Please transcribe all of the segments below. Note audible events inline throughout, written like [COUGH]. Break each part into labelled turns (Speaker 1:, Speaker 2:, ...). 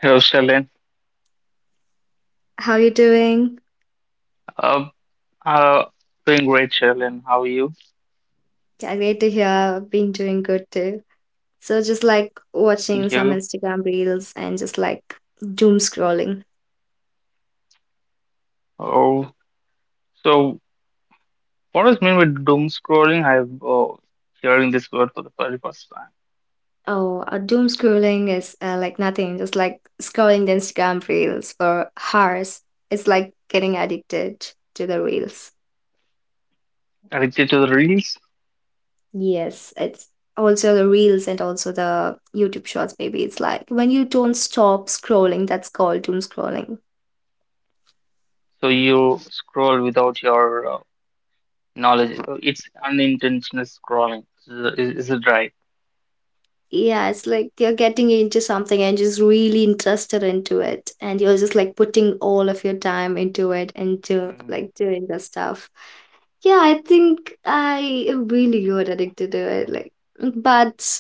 Speaker 1: Hello, Shalin.
Speaker 2: How are you doing?
Speaker 1: Uh, uh, doing great, Shalin. How are you?
Speaker 2: Yeah, great to hear. I've been doing good too. So, just like watching
Speaker 1: Thank
Speaker 2: some
Speaker 1: you.
Speaker 2: Instagram reels and just like doom scrolling.
Speaker 1: Oh, so what does mean with doom scrolling? I'm hearing this word for the very first time.
Speaker 2: Oh, doom scrolling is like nothing, just like scrolling the Instagram reels for hours. It's like getting addicted to the reels.
Speaker 1: Addicted to the reels,
Speaker 2: Yes, it's also the reels and also the YouTube shorts, baby. It's like when you don't stop scrolling, that's called doom scrolling.
Speaker 1: so you scroll without your uh, knowledge. It's unintentional scrolling. Is it right?
Speaker 2: Yeah, it's like you're getting into something and just really interested into it. And you're just like putting all of your time into it and to
Speaker 1: Mm.
Speaker 2: like doing the stuff. Yeah, I think I am really good addicted to it. Like, but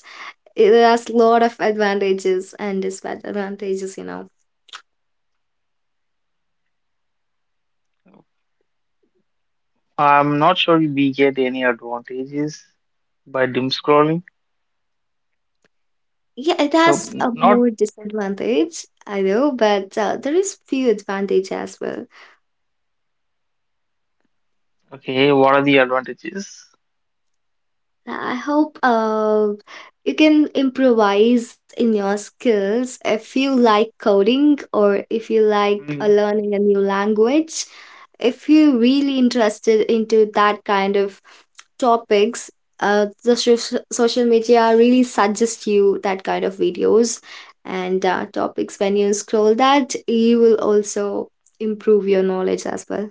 Speaker 2: it has a lot of advantages and disadvantages.
Speaker 1: I'm not sure we get any advantages by doom scrolling.
Speaker 2: Yeah, it
Speaker 1: So
Speaker 2: has
Speaker 1: n-
Speaker 2: a
Speaker 1: not
Speaker 2: more disadvantage, I know, but there is few advantage as well.
Speaker 1: Okay. What are the advantages?
Speaker 2: Yeah, I hope you can improvise in your skills if you like coding or if you like
Speaker 1: Hmm.
Speaker 2: learning a new language. If you're really interested into that kind of topics, the social media really suggest you that kind of videos and topics. When you scroll that, you will also improve your knowledge as well.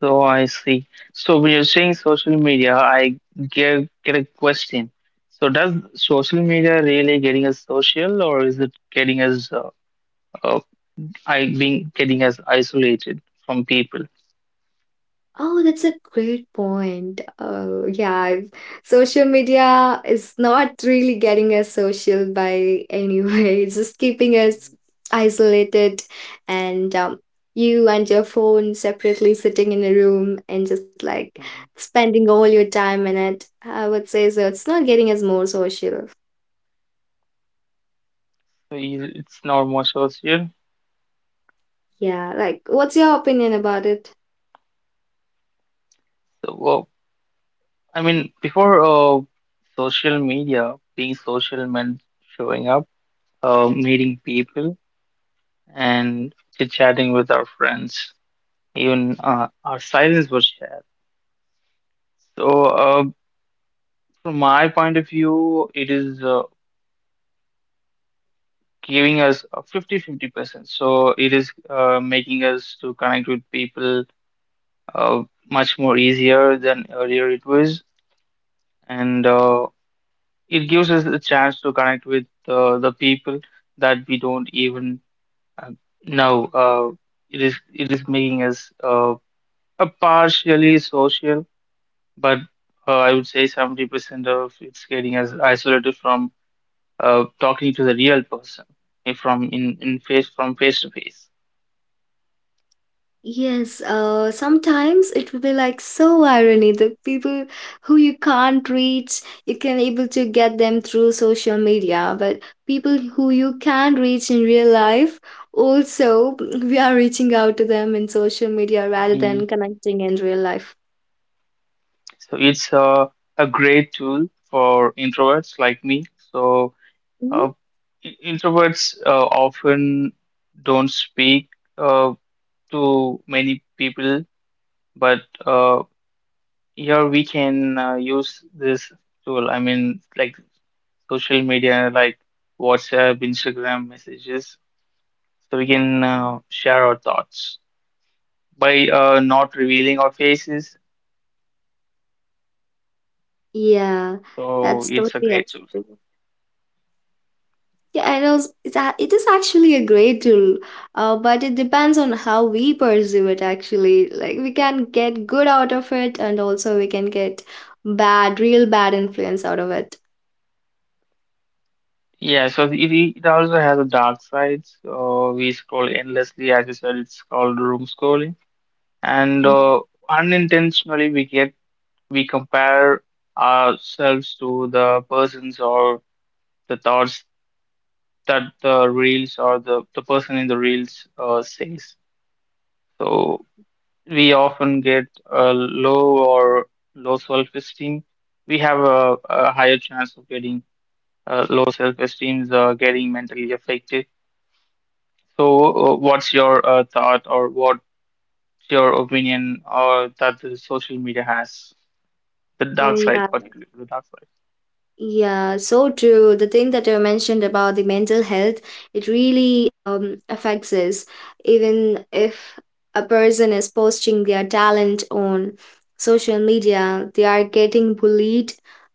Speaker 1: So I see. So when you're saying social media, I get a question. So does social media really getting us social, or is it getting us uh, I being getting us isolated from people?
Speaker 2: Oh, that's a great point. Social media is not really getting us social by [LAUGHS] any way. It's just keeping us
Speaker 1: Mhm,
Speaker 2: isolated and you and your phone separately sitting in a room and just like
Speaker 1: mhm.
Speaker 2: spending all your time in it. I would say so. It's not getting us more social.
Speaker 1: So you- it's not more social.
Speaker 2: Yeah, like what's your opinion about it?
Speaker 1: So I mean, before social media, being social meant showing up, meeting people, and chit chatting with our friends. Even our silence was shared. So, from my point of view, it is giving us a 50-50 percent. So it is making us to connect with people uh, much more easier than earlier it was, and it gives us a chance to connect with the people that we don't even uh, know. It is making us a partially social, but I would say 70% of it's getting us isolated from talking to the real person, from face to face.
Speaker 2: Yes, sometimes it will be like so irony. The people who you can't reach, you can able to get them through social media, but people who you can reach in real life, also we are reaching out to them in social media rather
Speaker 1: Mm.
Speaker 2: than connecting in real life.
Speaker 1: So it's a great tool for introverts like me. So
Speaker 2: Mhm.
Speaker 1: uh, introverts often don't speak uh, to many people, but uh, here we can use this tool. I mean, like social media, like WhatsApp, Instagram messages, so we can share our thoughts by not revealing our faces.
Speaker 2: Yeah,
Speaker 1: So
Speaker 2: that's
Speaker 1: it's a
Speaker 2: totally
Speaker 1: great tool.
Speaker 2: acceptable. Yeah, I know, it is actually a great tool, but it depends on how we pursue it actually. Like we can get good out of it and also we can get bad, real bad influence out of it.
Speaker 1: Yeah, it also has a dark side. So we scroll endlessly, as you said, it's called room scrolling. And
Speaker 2: Mm.
Speaker 1: unintentionally, we compare ourselves to the persons or the thoughts that the reels or the person in the reels says. So we often get a low self-esteem. We have a higher chance of getting low self-esteem, is getting mentally affected. So, what's your thought or what's your opinion or that the social media has? The
Speaker 2: Oh
Speaker 1: dark side,
Speaker 2: yeah,
Speaker 1: particularly the dark side.
Speaker 2: Yeah, so true. The thing that you mentioned about the mental health, it really affects us, even if a person is posting their talent on social media, they are getting bullied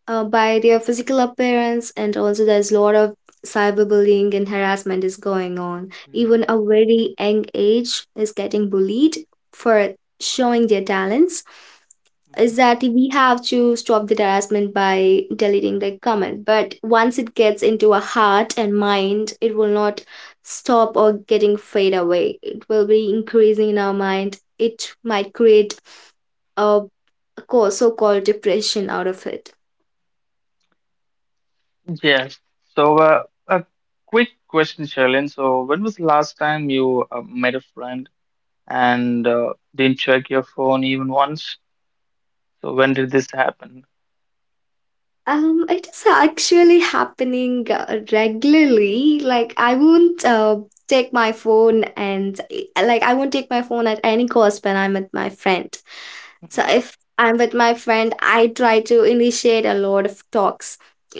Speaker 2: by their physical appearance, and also there's a lot of cyberbullying and harassment is going on.
Speaker 1: Mhm,
Speaker 2: Even a very young age is getting bullied for showing their talents
Speaker 1: mhm.
Speaker 2: is that we have to stop the harassment by deleting the comment. But once it gets into a heart and mind, it will not stop or getting fade away. It will be increasing in our mind. It might create a so-called depression out of it.
Speaker 1: Yes. So, a quick question, Sherilyn. So, when was the last time you met a friend and didn't check your phone even once? So, when did this happen?
Speaker 2: It is actually happening regularly. Like I won't take my phone and like I won't take my phone at any cost when I'm with my friend. So
Speaker 1: Mhm,
Speaker 2: if I'm with my friend, I try to initiate a lot of talks.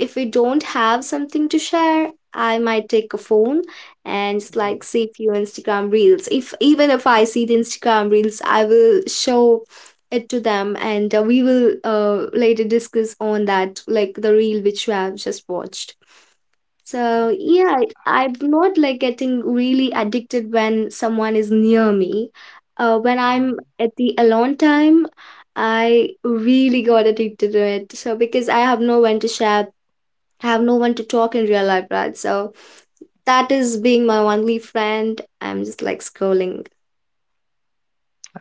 Speaker 2: If we don't have something to share, I might take a phone and just
Speaker 1: mhm.
Speaker 2: like see few Instagram reels. If even if I see the Instagram reels, I will show it to them and we will later discuss on that, like the reel which you have just watched. So
Speaker 1: Okay. So,
Speaker 2: yeah, I'm not like getting really addicted when someone is near me. When I'm at the alone time, I really got addicted to it. So because I have no one to share, I have no one to talk in real life, right? So that is being my only friend. I'm just like scrolling.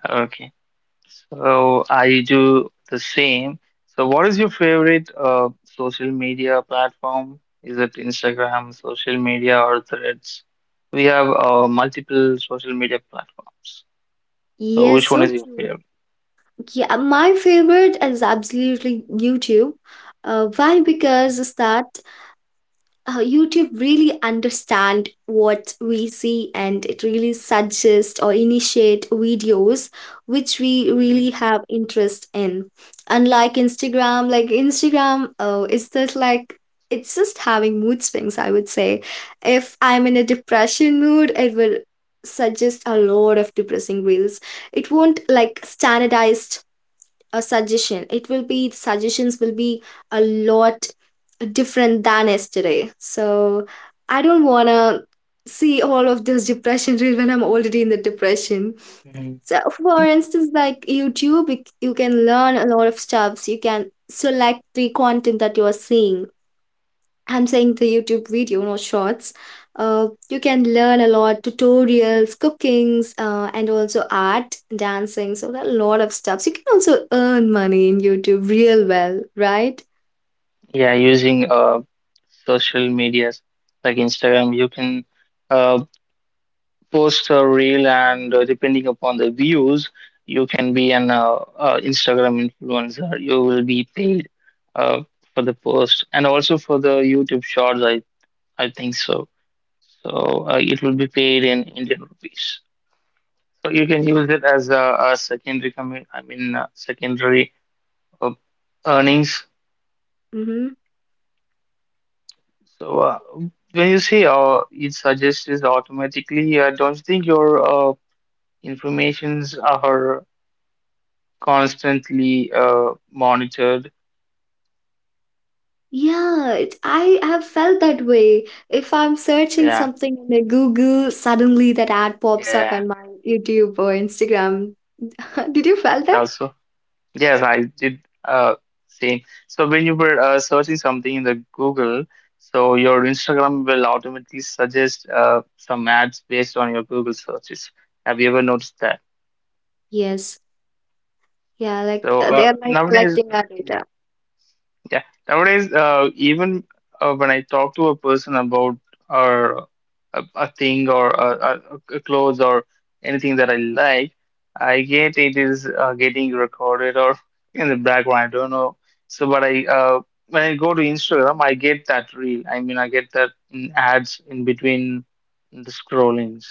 Speaker 1: mhm. So I do the same. So what is your favorite social media platform? Is it Instagram, social media, or Threads? We have multiple social media platforms. So
Speaker 2: Yes,
Speaker 1: which one
Speaker 2: so
Speaker 1: is your
Speaker 2: true.
Speaker 1: favorite?
Speaker 2: Yeah, my favorite is absolutely YouTube. Why? Because it's that YouTube really understand what we see and it really suggests or initiate videos which we
Speaker 1: Mhm.
Speaker 2: really have interest in. Unlike Instagram, like Instagram, oh, it's just like it's just having mood swings. I would say, if I'm in a depression mood, it will suggest a lot of depressing reels. It won't like standardized a suggestion. It will be the suggestions will be a lot different than yesterday. So I don't want to see all of this depression reel when I'm already in the depression.
Speaker 1: Mhm.
Speaker 2: So for instance, like YouTube, you can learn a lot of stuffs. You can select the content that you are seeing. I'm saying the YouTube video, not shorts. You can learn a lot tutorials, cookings, and also art, dancing. So there are a lot of stuff. So, you can also earn money in YouTube real well, right?
Speaker 1: Yeah, using social medias like Instagram, you can uh, post a reel, and depending upon the views, you can be an Instagram influencer. You will be paid uh, for the post, and also for the YouTube Shorts. I think so. So it will be paid in Indian rupees. So you can use it as a I mean secondary uh, earnings.
Speaker 2: Mm-hmm.
Speaker 1: So when you say it suggests automatically, I don't think your informations are constantly monitored.
Speaker 2: Yeah, it, I have felt that way. If I'm searching
Speaker 1: Yeah,
Speaker 2: something in a Google, suddenly that ad pops up
Speaker 1: yeah.
Speaker 2: on my YouTube or Instagram. [LAUGHS] Did you felt that?
Speaker 1: Also, yes, I did same. So when you were searching something in the Google, so your Instagram will automatically suggest some ads based on your Google searches. Have you ever noticed that?
Speaker 2: Yes. Yeah, like
Speaker 1: So
Speaker 2: they are like
Speaker 1: nowadays.
Speaker 2: collecting our data.
Speaker 1: Yeah. Nowadays, even when I talk to a person about or a thing or a clothes or anything that I like, I get it is getting recorded or [LAUGHS] in the background. I don't know. So, but I when I go to Instagram, I get that reel. I mean, I get that in ads in between the scrollings.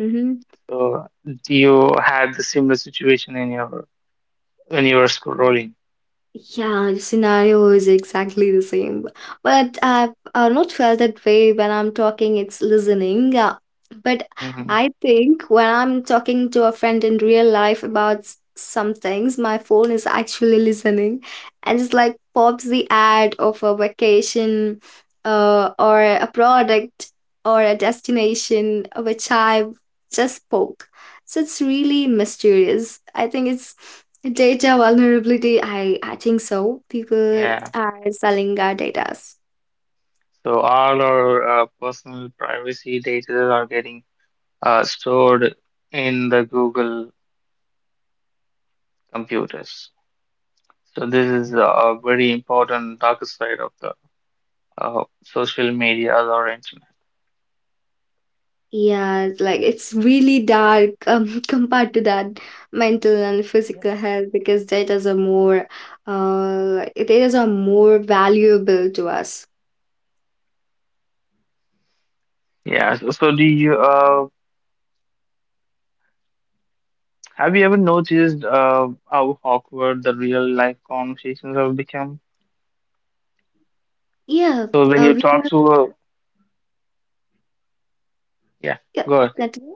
Speaker 2: Mm-hmm.
Speaker 1: So, do you had the similar situation in your when you were scrolling?
Speaker 2: Yeah, the scenario is exactly the same. But I've not felt that way when I'm talking, it's listening. Yeah, but
Speaker 1: Hmm.
Speaker 2: I think when I'm talking to a friend in real life about some things, my phone is actually listening and it's like pops the ad of a vacation or a product or a destination which I just spoke. So it's really mysterious. I think it's data vulnerability, I think so. People
Speaker 1: Yeah.
Speaker 2: are selling our data.
Speaker 1: So all our personal privacy data are getting stored in the Google computers. So this is a very important dark side of the social media or internet.
Speaker 2: Yeah, like it's really dark [LAUGHS] compared to that mental and
Speaker 1: Yes.
Speaker 2: physical health because datas are more valuable to us.
Speaker 1: Yeah. So, so do you have you ever noticed how awkward the real life conversations have become?
Speaker 2: Yeah,
Speaker 1: So when
Speaker 2: uh,
Speaker 1: you
Speaker 2: we
Speaker 1: talk
Speaker 2: are
Speaker 1: to a yeah,
Speaker 2: yeah,
Speaker 1: go
Speaker 2: please continue.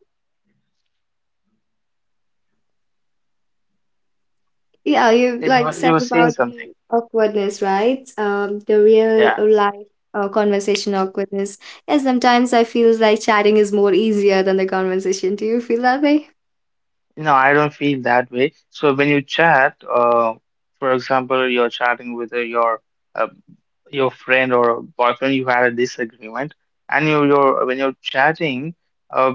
Speaker 2: Yeah, you
Speaker 1: ahead.
Speaker 2: like
Speaker 1: You were
Speaker 2: said
Speaker 1: saying
Speaker 2: about
Speaker 1: something.
Speaker 2: the awkwardness, right? Um, the real
Speaker 1: Yeah.
Speaker 2: uh, life uh, conversation awkwardness. And sometimes I feel like chatting is more easier than the conversation. Do you feel that way?
Speaker 1: No, I don't feel that way. So when you chat, for example, you're chatting with uh, your friend or boyfriend, you had a disagreement, and you you're when you're chatting, uh,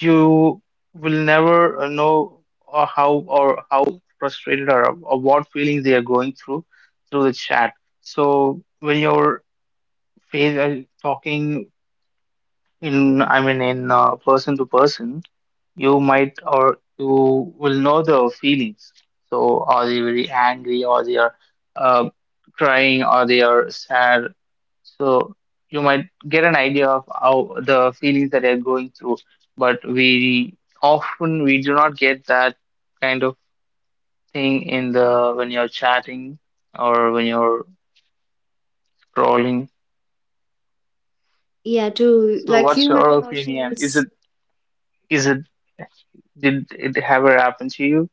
Speaker 1: you will never know or how frustrated or what feelings they are going through through the chat. So when you're face, talking in, I mean, in person to person, you might or you will know the feelings. So are they very angry or they are uh, crying or they are sad? So you might get an idea of how the feelings that they're going through, but we often we do not get that kind of thing in the when you're chatting or when you're scrolling.
Speaker 2: Yeah, too.
Speaker 1: So
Speaker 2: Like
Speaker 1: what's
Speaker 2: human
Speaker 1: your opinion? Is it
Speaker 2: emotions.
Speaker 1: is it did it ever happen to you?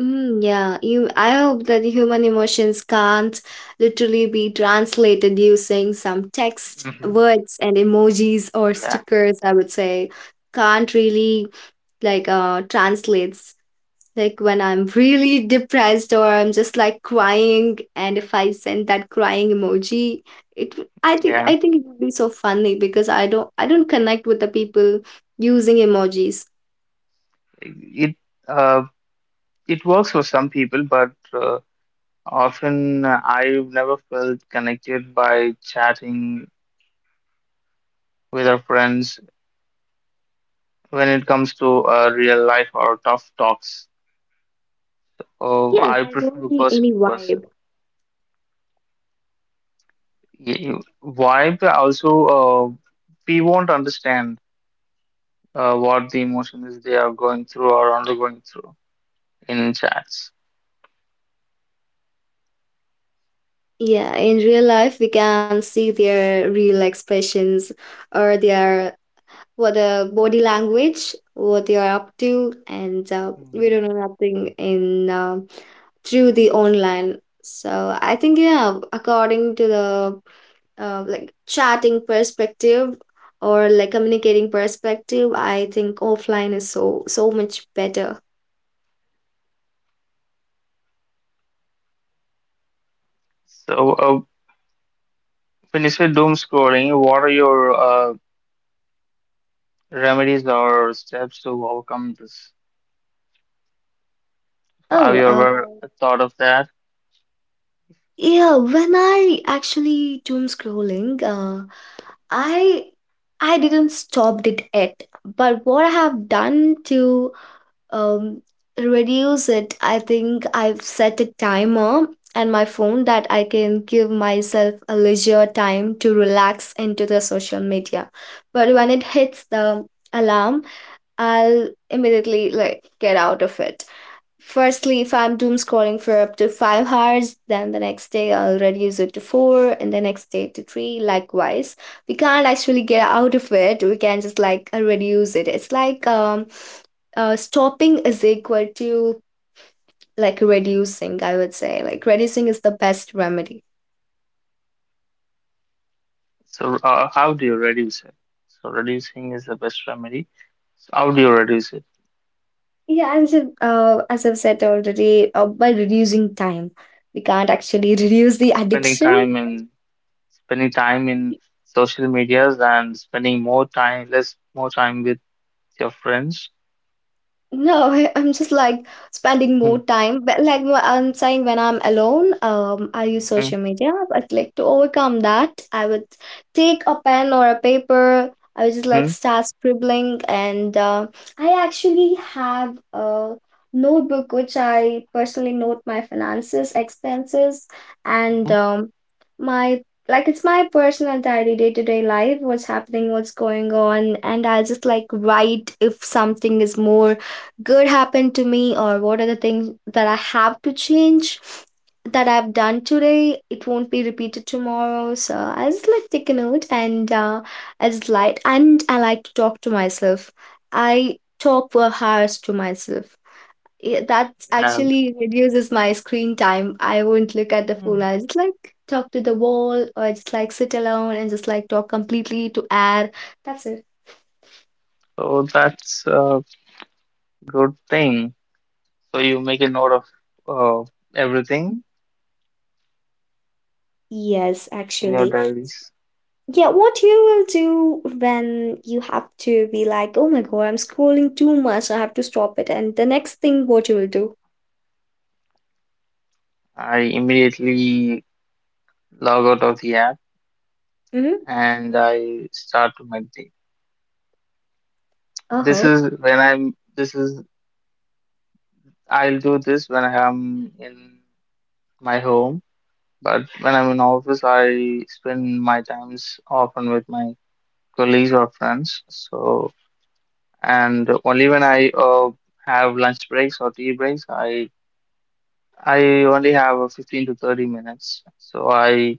Speaker 2: Yeah, you. I hope that human emotions can't literally be translated using some text,
Speaker 1: Hmm.
Speaker 2: words, and emojis or
Speaker 1: Yeah,
Speaker 2: stickers. I would say can't really like translates. Like when I'm really depressed or I'm just like crying, and if I send that crying emoji, it w-
Speaker 1: yeah.
Speaker 2: I think it would be so funny because I don't connect with the people using emojis.
Speaker 1: It uh, it works for some people, but often I've never felt connected by chatting with our friends when it comes to real life or tough talks. Oh,
Speaker 2: Yeah,
Speaker 1: I
Speaker 2: there won't
Speaker 1: prefer
Speaker 2: be
Speaker 1: person
Speaker 2: any
Speaker 1: to person.
Speaker 2: vibe.
Speaker 1: Y- Why? Also, uh, we won't understand what the emotion is they are going through or undergoing through in chats.
Speaker 2: Yeah, in real life we can see their real expressions or their what the body language, what they are up to, and we
Speaker 1: Hmm.
Speaker 2: don't know nothing in through the online. So I think yeah, according to the like chatting perspective or like communicating perspective, I think offline is so so much better.
Speaker 1: So, when you say doom scrolling, what are your uh, remedies or steps to overcome this? So have
Speaker 2: Oh,
Speaker 1: you
Speaker 2: uh,
Speaker 1: ever thought of that?
Speaker 2: yeah. When I actually doom scrolling, I I didn't stop it yet. But what I have done to um, reduce it, I think I've set a timer and my phone that I can give myself a leisure time to relax into the social media. But when it hits the alarm, I'll immediately like get out of it. Firstly, if I'm doom scrolling for up to 5 hours, then the next day I'll reduce it to four and the next day to three, likewise. We can't actually get out of it. We can just like reduce it. It's like stopping is equal to like reducing. I would say like reducing is the best remedy.
Speaker 1: So, how do you reduce it? So, reducing is the best remedy. So how do you reduce it?
Speaker 2: Yeah, and so, as I've said already, by reducing time, we can't actually [LAUGHS] reduce the
Speaker 1: Spending
Speaker 2: addiction.
Speaker 1: time in Spending time in social medias and spending less more time with your friends.
Speaker 2: No, [LAUGHS] I'm just like spending
Speaker 1: Hmm.
Speaker 2: more time. But like I'm saying, when I'm alone, I use
Speaker 1: Hmm.
Speaker 2: social media. But like to overcome that, I would take a pen or a paper. I would just like
Speaker 1: Hmm.
Speaker 2: start scribbling, and I actually have a notebook which I personally note my finances, expenses, and
Speaker 1: Hmm.
Speaker 2: my like it's my personal diary, day to day life, what's happening, what's going on. And I'll just like write if something is more good happened to me or what are the things that I have to change that I've done today. It won't be repeated tomorrow. So I just like take a note and I like to talk to myself. I talk for hours to myself. Yeah, that
Speaker 1: And
Speaker 2: actually reduces my screen time. I won't look at the phone.
Speaker 1: Mm.
Speaker 2: I just like talk to the wall or I just like sit alone and just like talk completely to air. That's it.
Speaker 1: So that's a good thing. So you make a note of uh, everything
Speaker 2: Yes,
Speaker 1: in your
Speaker 2: actually.
Speaker 1: diaries.
Speaker 2: Yeah, what you will do when you have to be like, oh my god, I'm scrolling too much, I have to stop it. And the next thing, what you will do?
Speaker 1: I immediately log out of the app
Speaker 2: Mm-hmm.
Speaker 1: and I start to meditate. This
Speaker 2: Uh-huh.
Speaker 1: is when I'm, this is, I'll do this when I'm in my home, but when I'm in office, I spend my times often with my colleagues or friends. So, and only when I have lunch breaks or tea breaks, I only have a 15 to 30 minutes. So I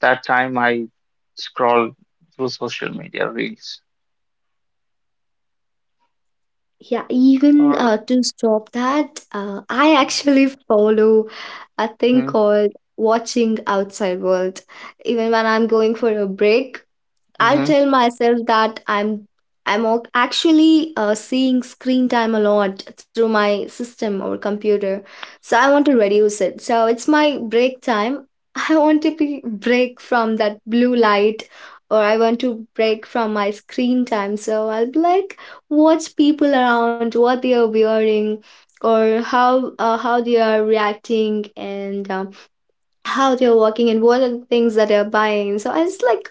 Speaker 1: that time I scroll through social media reels.
Speaker 2: Yeah, even
Speaker 1: Or.
Speaker 2: to stop that, I actually follow a thing
Speaker 1: Mm-hmm.
Speaker 2: called watching outside world. Even when I'm going for a break, I
Speaker 1: Hmm.
Speaker 2: tell myself that actually seeing screen time a lot through my system or computer, so I want to reduce it. So it's my break time. [LAUGHS] I want to be break from that blue light, or I want to break from my screen time. So I'll be like watch people around, what they are wearing, or how they are reacting, and how they're working and what are the things that they're buying. So I just like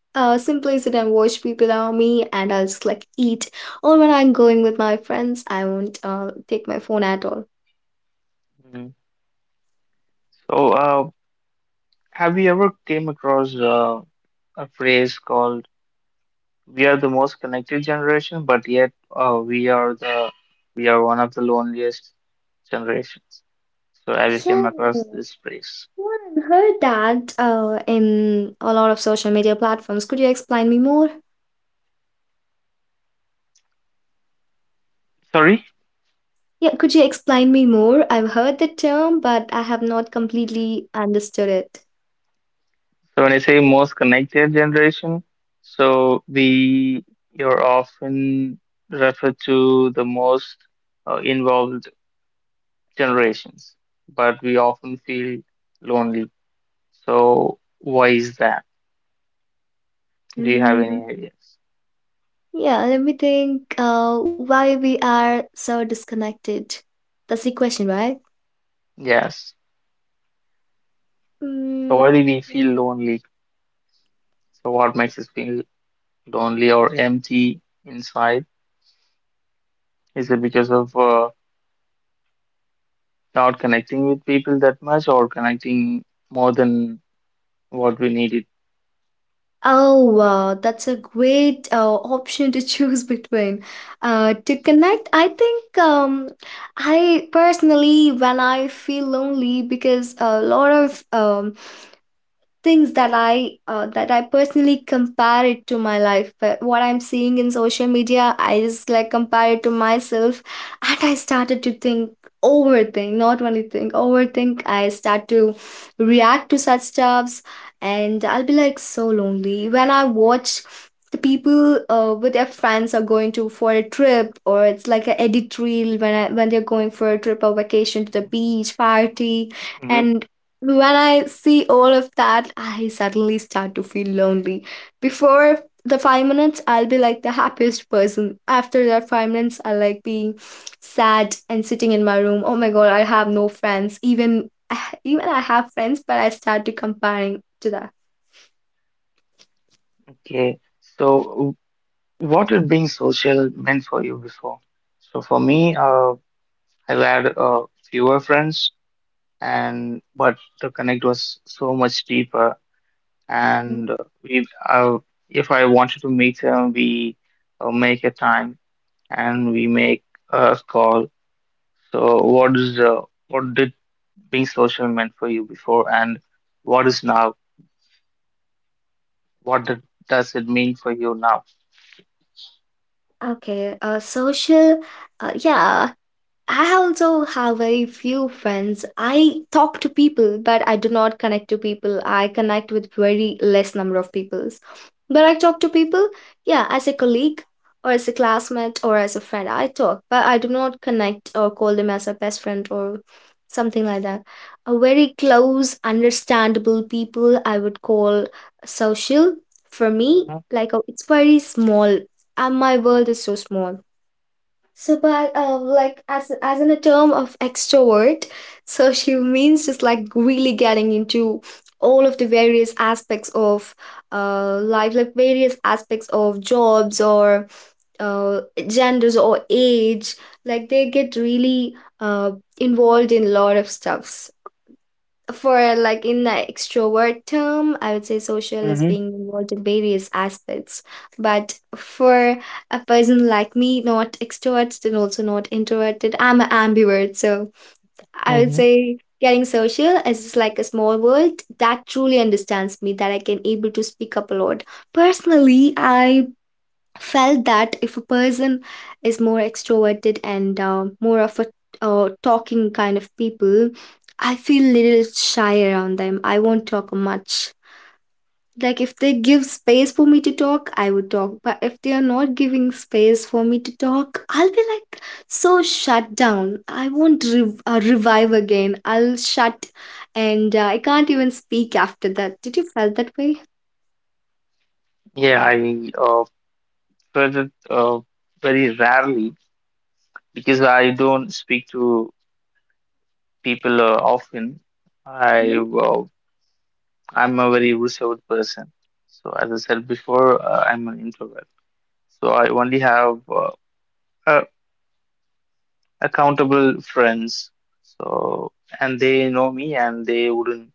Speaker 2: simply sit and watch people around me and I'll just like eat. Or when I'm going with my friends, I won't take my phone at all.
Speaker 1: Hmm. So, have you ever came across a phrase called "We are the most connected generation, but yet we are one of the loneliest generations"? So, have you came
Speaker 2: Yeah,
Speaker 1: across
Speaker 2: well,
Speaker 1: this phrase?
Speaker 2: I've heard that in a lot of social media platforms. Could you explain me more?
Speaker 1: Sorry.
Speaker 2: Yeah, could you explain me more? I've heard the term, but I have not completely understood
Speaker 1: So, when I say most connected generation, so we you're often referred to the most involved generations, but we often feel lonely. So, why is that? Do you have any
Speaker 2: it.
Speaker 1: ideas?
Speaker 2: Yeah, let me think why we are so disconnected. That's the question, right?
Speaker 1: Yes. So,
Speaker 2: Mm,
Speaker 1: why do we feel lonely? So, what makes us feel lonely or empty inside? Is it because of not connecting with people that much or connecting more than what we needed?
Speaker 2: oh, wow, that's a great option to [LAUGHS] choose between. To connect, I think. I personally, when I feel lonely, because a lot of things that I personally compare it to my life. But what I'm seeing in social media, I just like compare it to myself, and I started to think overthink not only think overthink I start to react to such stuffs and I'll be like so lonely when I watch the people with their friends are going to for a trip or it's like an edit reel when they're going for a trip or vacation to the beach party
Speaker 1: Mhm.
Speaker 2: and when I see all of that, I suddenly start to feel lonely. Before the 5 minutes, I'll be like the happiest person. After that 5 minutes, I'll like be sad and sitting in my room. Oh my god, I have no friends. Even [SIGHS] even I have friends, but I start to comparing to that.
Speaker 1: Okay. So, what did being social meant for you before? So, for me, I've had fewer friends and but the connect was so much deeper and
Speaker 2: Mm,
Speaker 1: we if I wanted to meet him, we make a time and we make a call. So what is what did being social meant for you before and what is now, what did, does it mean for you now?
Speaker 2: okay, social, yeah, I also have very few friends. I talk to people, but I do not connect to people. I connect with very less number of people, but I talk to people, yeah, as a colleague or as a classmate or as a friend. I talk, but I do not connect or call them as a best friend or something like that. A very close, understandable people I would call social for me. Like it's very small, and my world is so small. So, but like as in a term of extrovert, so she means just like really getting into all of the various aspects of life, like various aspects of jobs or uh, genders or age. Like they get really uh, involved in a lot of stuffs for like in the extrovert term I would say social is
Speaker 1: Mm-hmm.
Speaker 2: being involved in various aspects but for a person like me not extroverted and also not introverted I'm an ambivert so I would
Speaker 1: Hmm.
Speaker 2: say getting social is just like a small world that truly understands me that I can able to speak up a lot personally I felt that if a person is more extroverted and more of a talking kind of people, I feel little shy around them. I won't talk much. Like if they give space for me to talk, I would talk. But if they are not giving space for me to talk, I'll be like so shut down. I won't revive again. I'll shut, and I can't even speak after that. Did you felt that way?
Speaker 1: Yeah, I felt it very rarely because I don't speak to people often. I
Speaker 2: Mhm.
Speaker 1: uh, I'm a very reserved person. So as I said before, I'm an introvert. So I only have uh, accountable friends. So and they know me, and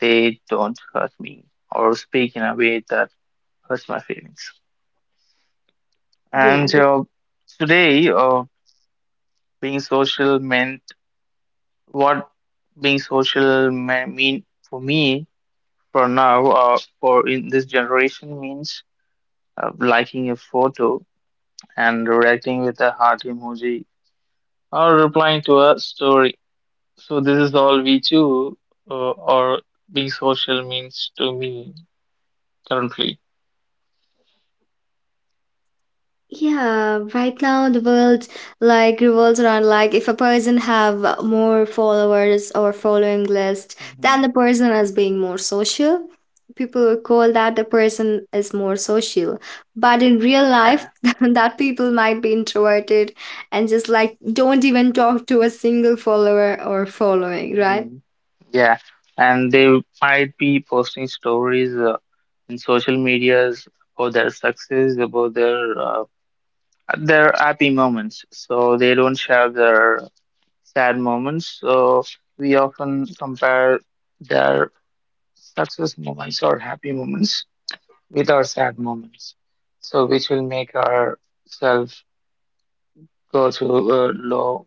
Speaker 1: they don't hurt me or speak in a way that hurts my feelings.
Speaker 2: Yeah,
Speaker 1: And today, being social meant what mean for me for now, for in this generation means liking a photo and reacting with a heart emoji or replying to a story. So this is all we do or being social means to me currently.
Speaker 2: yeah, right now the world like revolves around like if a person have more followers or following list, then
Speaker 1: Hmm.
Speaker 2: the person is being more social. People call that the person is more social, but in real life,
Speaker 1: Yeah.
Speaker 2: [LAUGHS] that people might be introverted and just like don't even talk to a single follower or following, right?
Speaker 1: Mhm. Yeah. And they might be posting stories in social medias about their success, about their happy moments. So they don't share their sad moments. So we often compare their success moments or happy moments with our sad moments. So, which will make ourselves go to low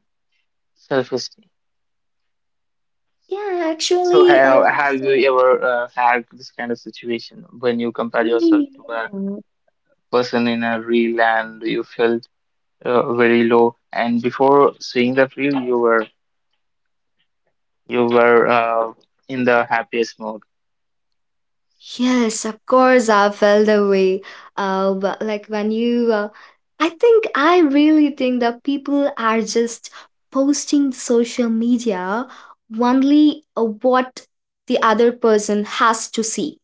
Speaker 1: self-esteem.
Speaker 2: Yeah,
Speaker 1: So,
Speaker 2: actually, uh,
Speaker 1: have
Speaker 2: so-
Speaker 1: you ever had this kind of situation when you compare
Speaker 2: Mm,
Speaker 1: yourself to a
Speaker 2: yeah.
Speaker 1: person in a reel and you felt very low? And before seeing that reel, you were in the happiest mode.
Speaker 2: Yes, of course, I felt the way. But like. I think I really think that people are just posting social media only what the other person has to see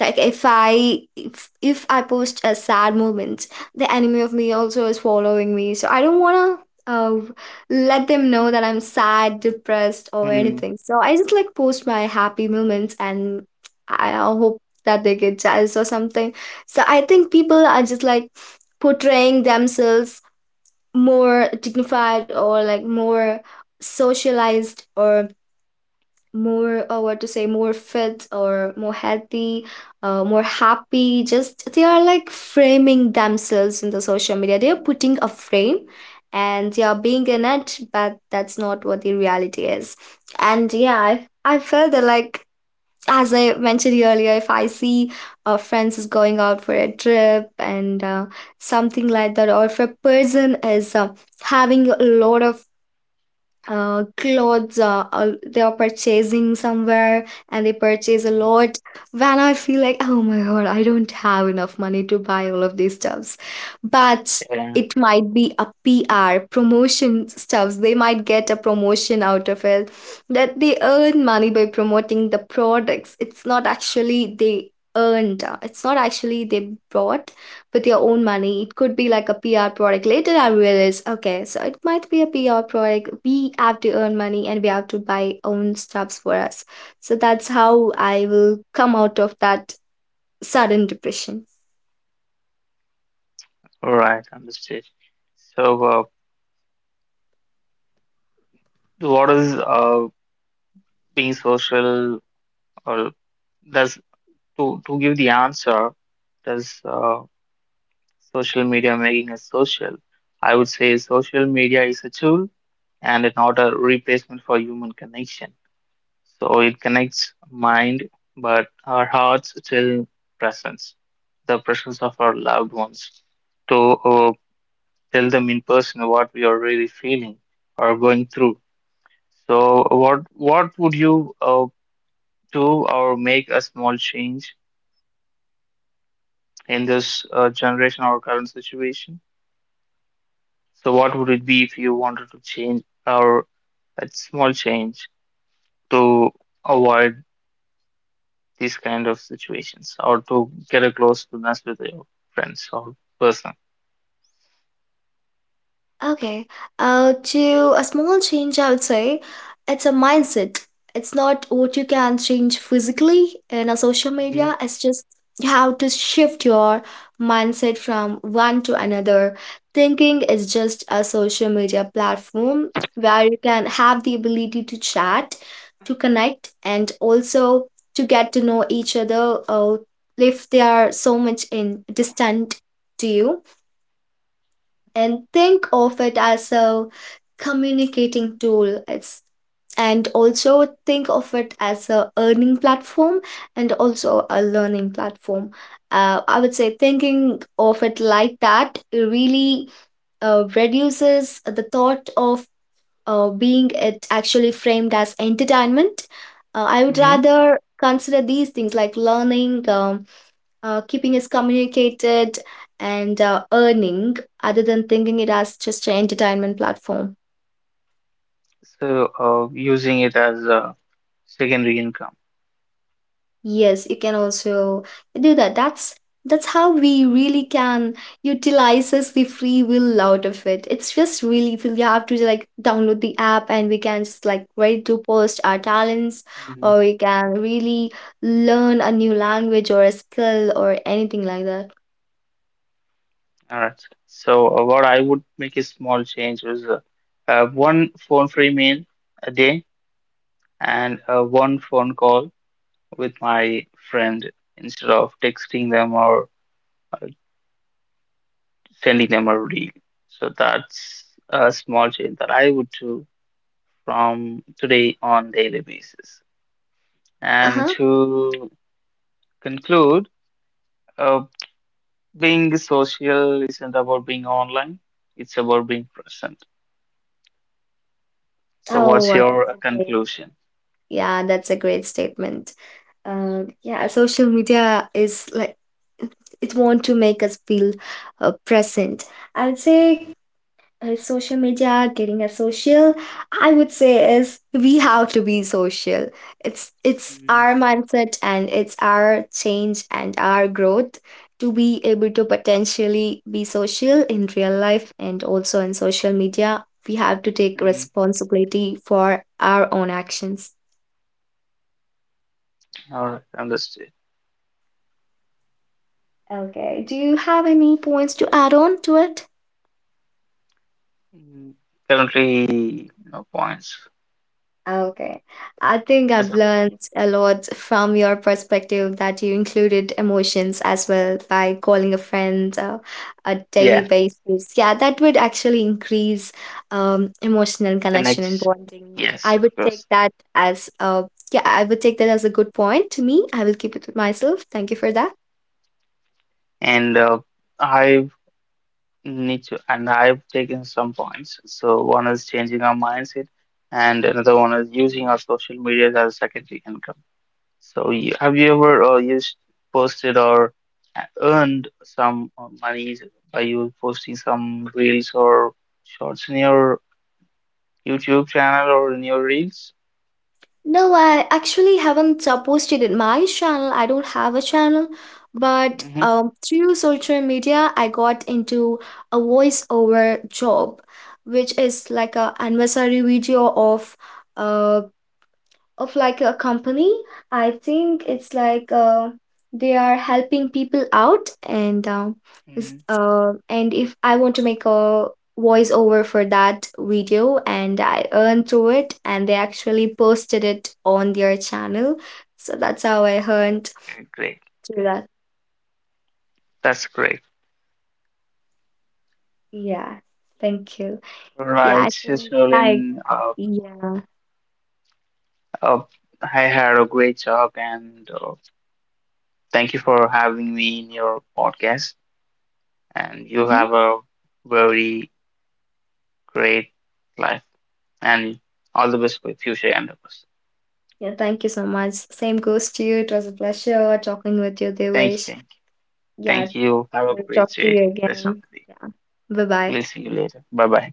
Speaker 2: like if I if I post a sad moment the enemy of me also is following me so I don't want to let them know that I'm sad depressed or
Speaker 1: Hmm.
Speaker 2: anything so I just like post my happy moments and I hope that they get jealous or something so I think people are just like portraying themselves more dignified or like more socialized or more what to say more fit or more healthy more happy just they are like framing themselves in the social media they are putting a frame and they are being in it but that's not what the reality is and yeah I felt that like as I mentioned earlier if I see friends is going out for a trip and something like that or if a person is having a lot of clothes they are purchasing somewhere and they purchase a
Speaker 1: Hmm.
Speaker 2: lot when I feel like oh my god I don't have enough money to buy all of these stuffs but
Speaker 1: Yeah.
Speaker 2: it might be a pr promotion stuffs they might get a promotion out of it that they earn money by promoting the products it's not actually they earned it's not actually they bought with your own money. It could be like a PR product. Later, I realized, okay, so it might be a PR product. We have to earn money and we have to buy own stuffs for us. So that's how I will come out of that sudden depression.
Speaker 1: All right. Understood. So, what is being social or does to give the answer, does social media making us social? I would say social media is a tool and not a replacement for human connection. So it connects mind, but our hearts still presence, the presence of our loved ones, to uh, tell them in person what we are really feeling or going through. So what would you do or make a small change in this generation or current situation? So, what would it be if you wanted to change or a small change to avoid these kind of situations or to get a closeness with your friends or person?
Speaker 2: Okay. To a small change, I would say it's a mindset. It's not what you can change physically in a social
Speaker 1: Hmm.
Speaker 2: media. It's just how to shift your mindset from one to another. Thinking is just a social media platform where you can have the ability to chat, to connect, and also to get to know each other. If they are so much in distant to you and think of it as a communicating tool. It's and also think of it as a earning platform and also a learning platform. I would say thinking of it like that really reduces the thought of being it actually framed as entertainment. I would
Speaker 1: Hmm.
Speaker 2: rather consider these things like learning, keeping is communicated and earning other than thinking it as just an entertainment platform.
Speaker 1: So, using it as a secondary income.
Speaker 2: Yes, you can also do that. That's how we really can utilizes the free will out of it. It's just really feel you have to like download the app and we can just like ready to post our talents
Speaker 1: Mhm.
Speaker 2: or we can really learn a new language or a skill or anything like that.
Speaker 1: All right. So, what I would make a small change was one phone free meal a day and one phone call with my friend instead of texting them or uh, sending them a reel. So that's a small change that I would do from today on daily basis. And
Speaker 2: Uh-huh.
Speaker 1: to conclude, uh, being social isn't about being online; it's about being present. So
Speaker 2: Oh,
Speaker 1: what's
Speaker 2: wow,
Speaker 1: your
Speaker 2: that's a great
Speaker 1: conclusion?
Speaker 2: yeah, that's a great statement. Yeah, social media is like it want to make us feel present. I'd say social media getting us social. I would say is we have to be social. It's
Speaker 1: Mm.
Speaker 2: our mindset and it's our change and our growth to be able to potentially be social in real life and also in social media. We have to take
Speaker 1: Mm,
Speaker 2: responsibility for our own actions.
Speaker 1: all right, understood.
Speaker 2: Okay. Do you have any points to add on to it?
Speaker 1: Mm, currently, no points
Speaker 2: Okay. I think
Speaker 1: as
Speaker 2: I've
Speaker 1: of now.
Speaker 2: learned a lot from your perspective that you included emotions as well by calling a friend a daily
Speaker 1: Yeah,
Speaker 2: basis. Yeah, that would actually increase emotional connection and
Speaker 1: connects.
Speaker 2: bonding. I
Speaker 1: Yes, of
Speaker 2: would take
Speaker 1: course.
Speaker 2: that as yeah, I would take that as a good point to me. I will keep it with myself. Thank you for that.
Speaker 1: And I need to and I've taken some points. So one is changing our mindset, and another one is using our social media as a secondary income. So have you ever used posted or earned some monies by you posting some reels or shorts in your YouTube channel or in your reels?
Speaker 2: No, I actually haven't posted in my channel. I don't have a channel, but
Speaker 1: Hmm.
Speaker 2: through social media, I got into a voiceover job, which is like a anniversary video uh, of like a company I think it's like they are helping people out and it's,
Speaker 1: Hmm.
Speaker 2: and if I want to make a voiceover for that video and I earned through it and they actually posted it on their channel so that's how I earned
Speaker 1: That's great. Great.
Speaker 2: through that
Speaker 1: That's great.
Speaker 2: yeah thank you yeah I
Speaker 1: Right,
Speaker 2: think yeah, I
Speaker 1: Snowlin,
Speaker 2: Yeah.
Speaker 1: uh, I had a great talk and thank you for having me in your podcast, and you
Speaker 2: Mhm.
Speaker 1: have a very great life and all the best for your future endeavors.
Speaker 2: Yeah, thank you so much, same goes to you, it was a pleasure talking with you
Speaker 1: Thank you,
Speaker 2: devish
Speaker 1: thank you,
Speaker 2: yeah.
Speaker 1: thank you. Have a
Speaker 2: We'll talk
Speaker 1: great
Speaker 2: to
Speaker 1: day,
Speaker 2: you
Speaker 1: rest of
Speaker 2: again.
Speaker 1: the day.
Speaker 2: Yeah. Bye bye.
Speaker 1: We'll see you later. Bye bye.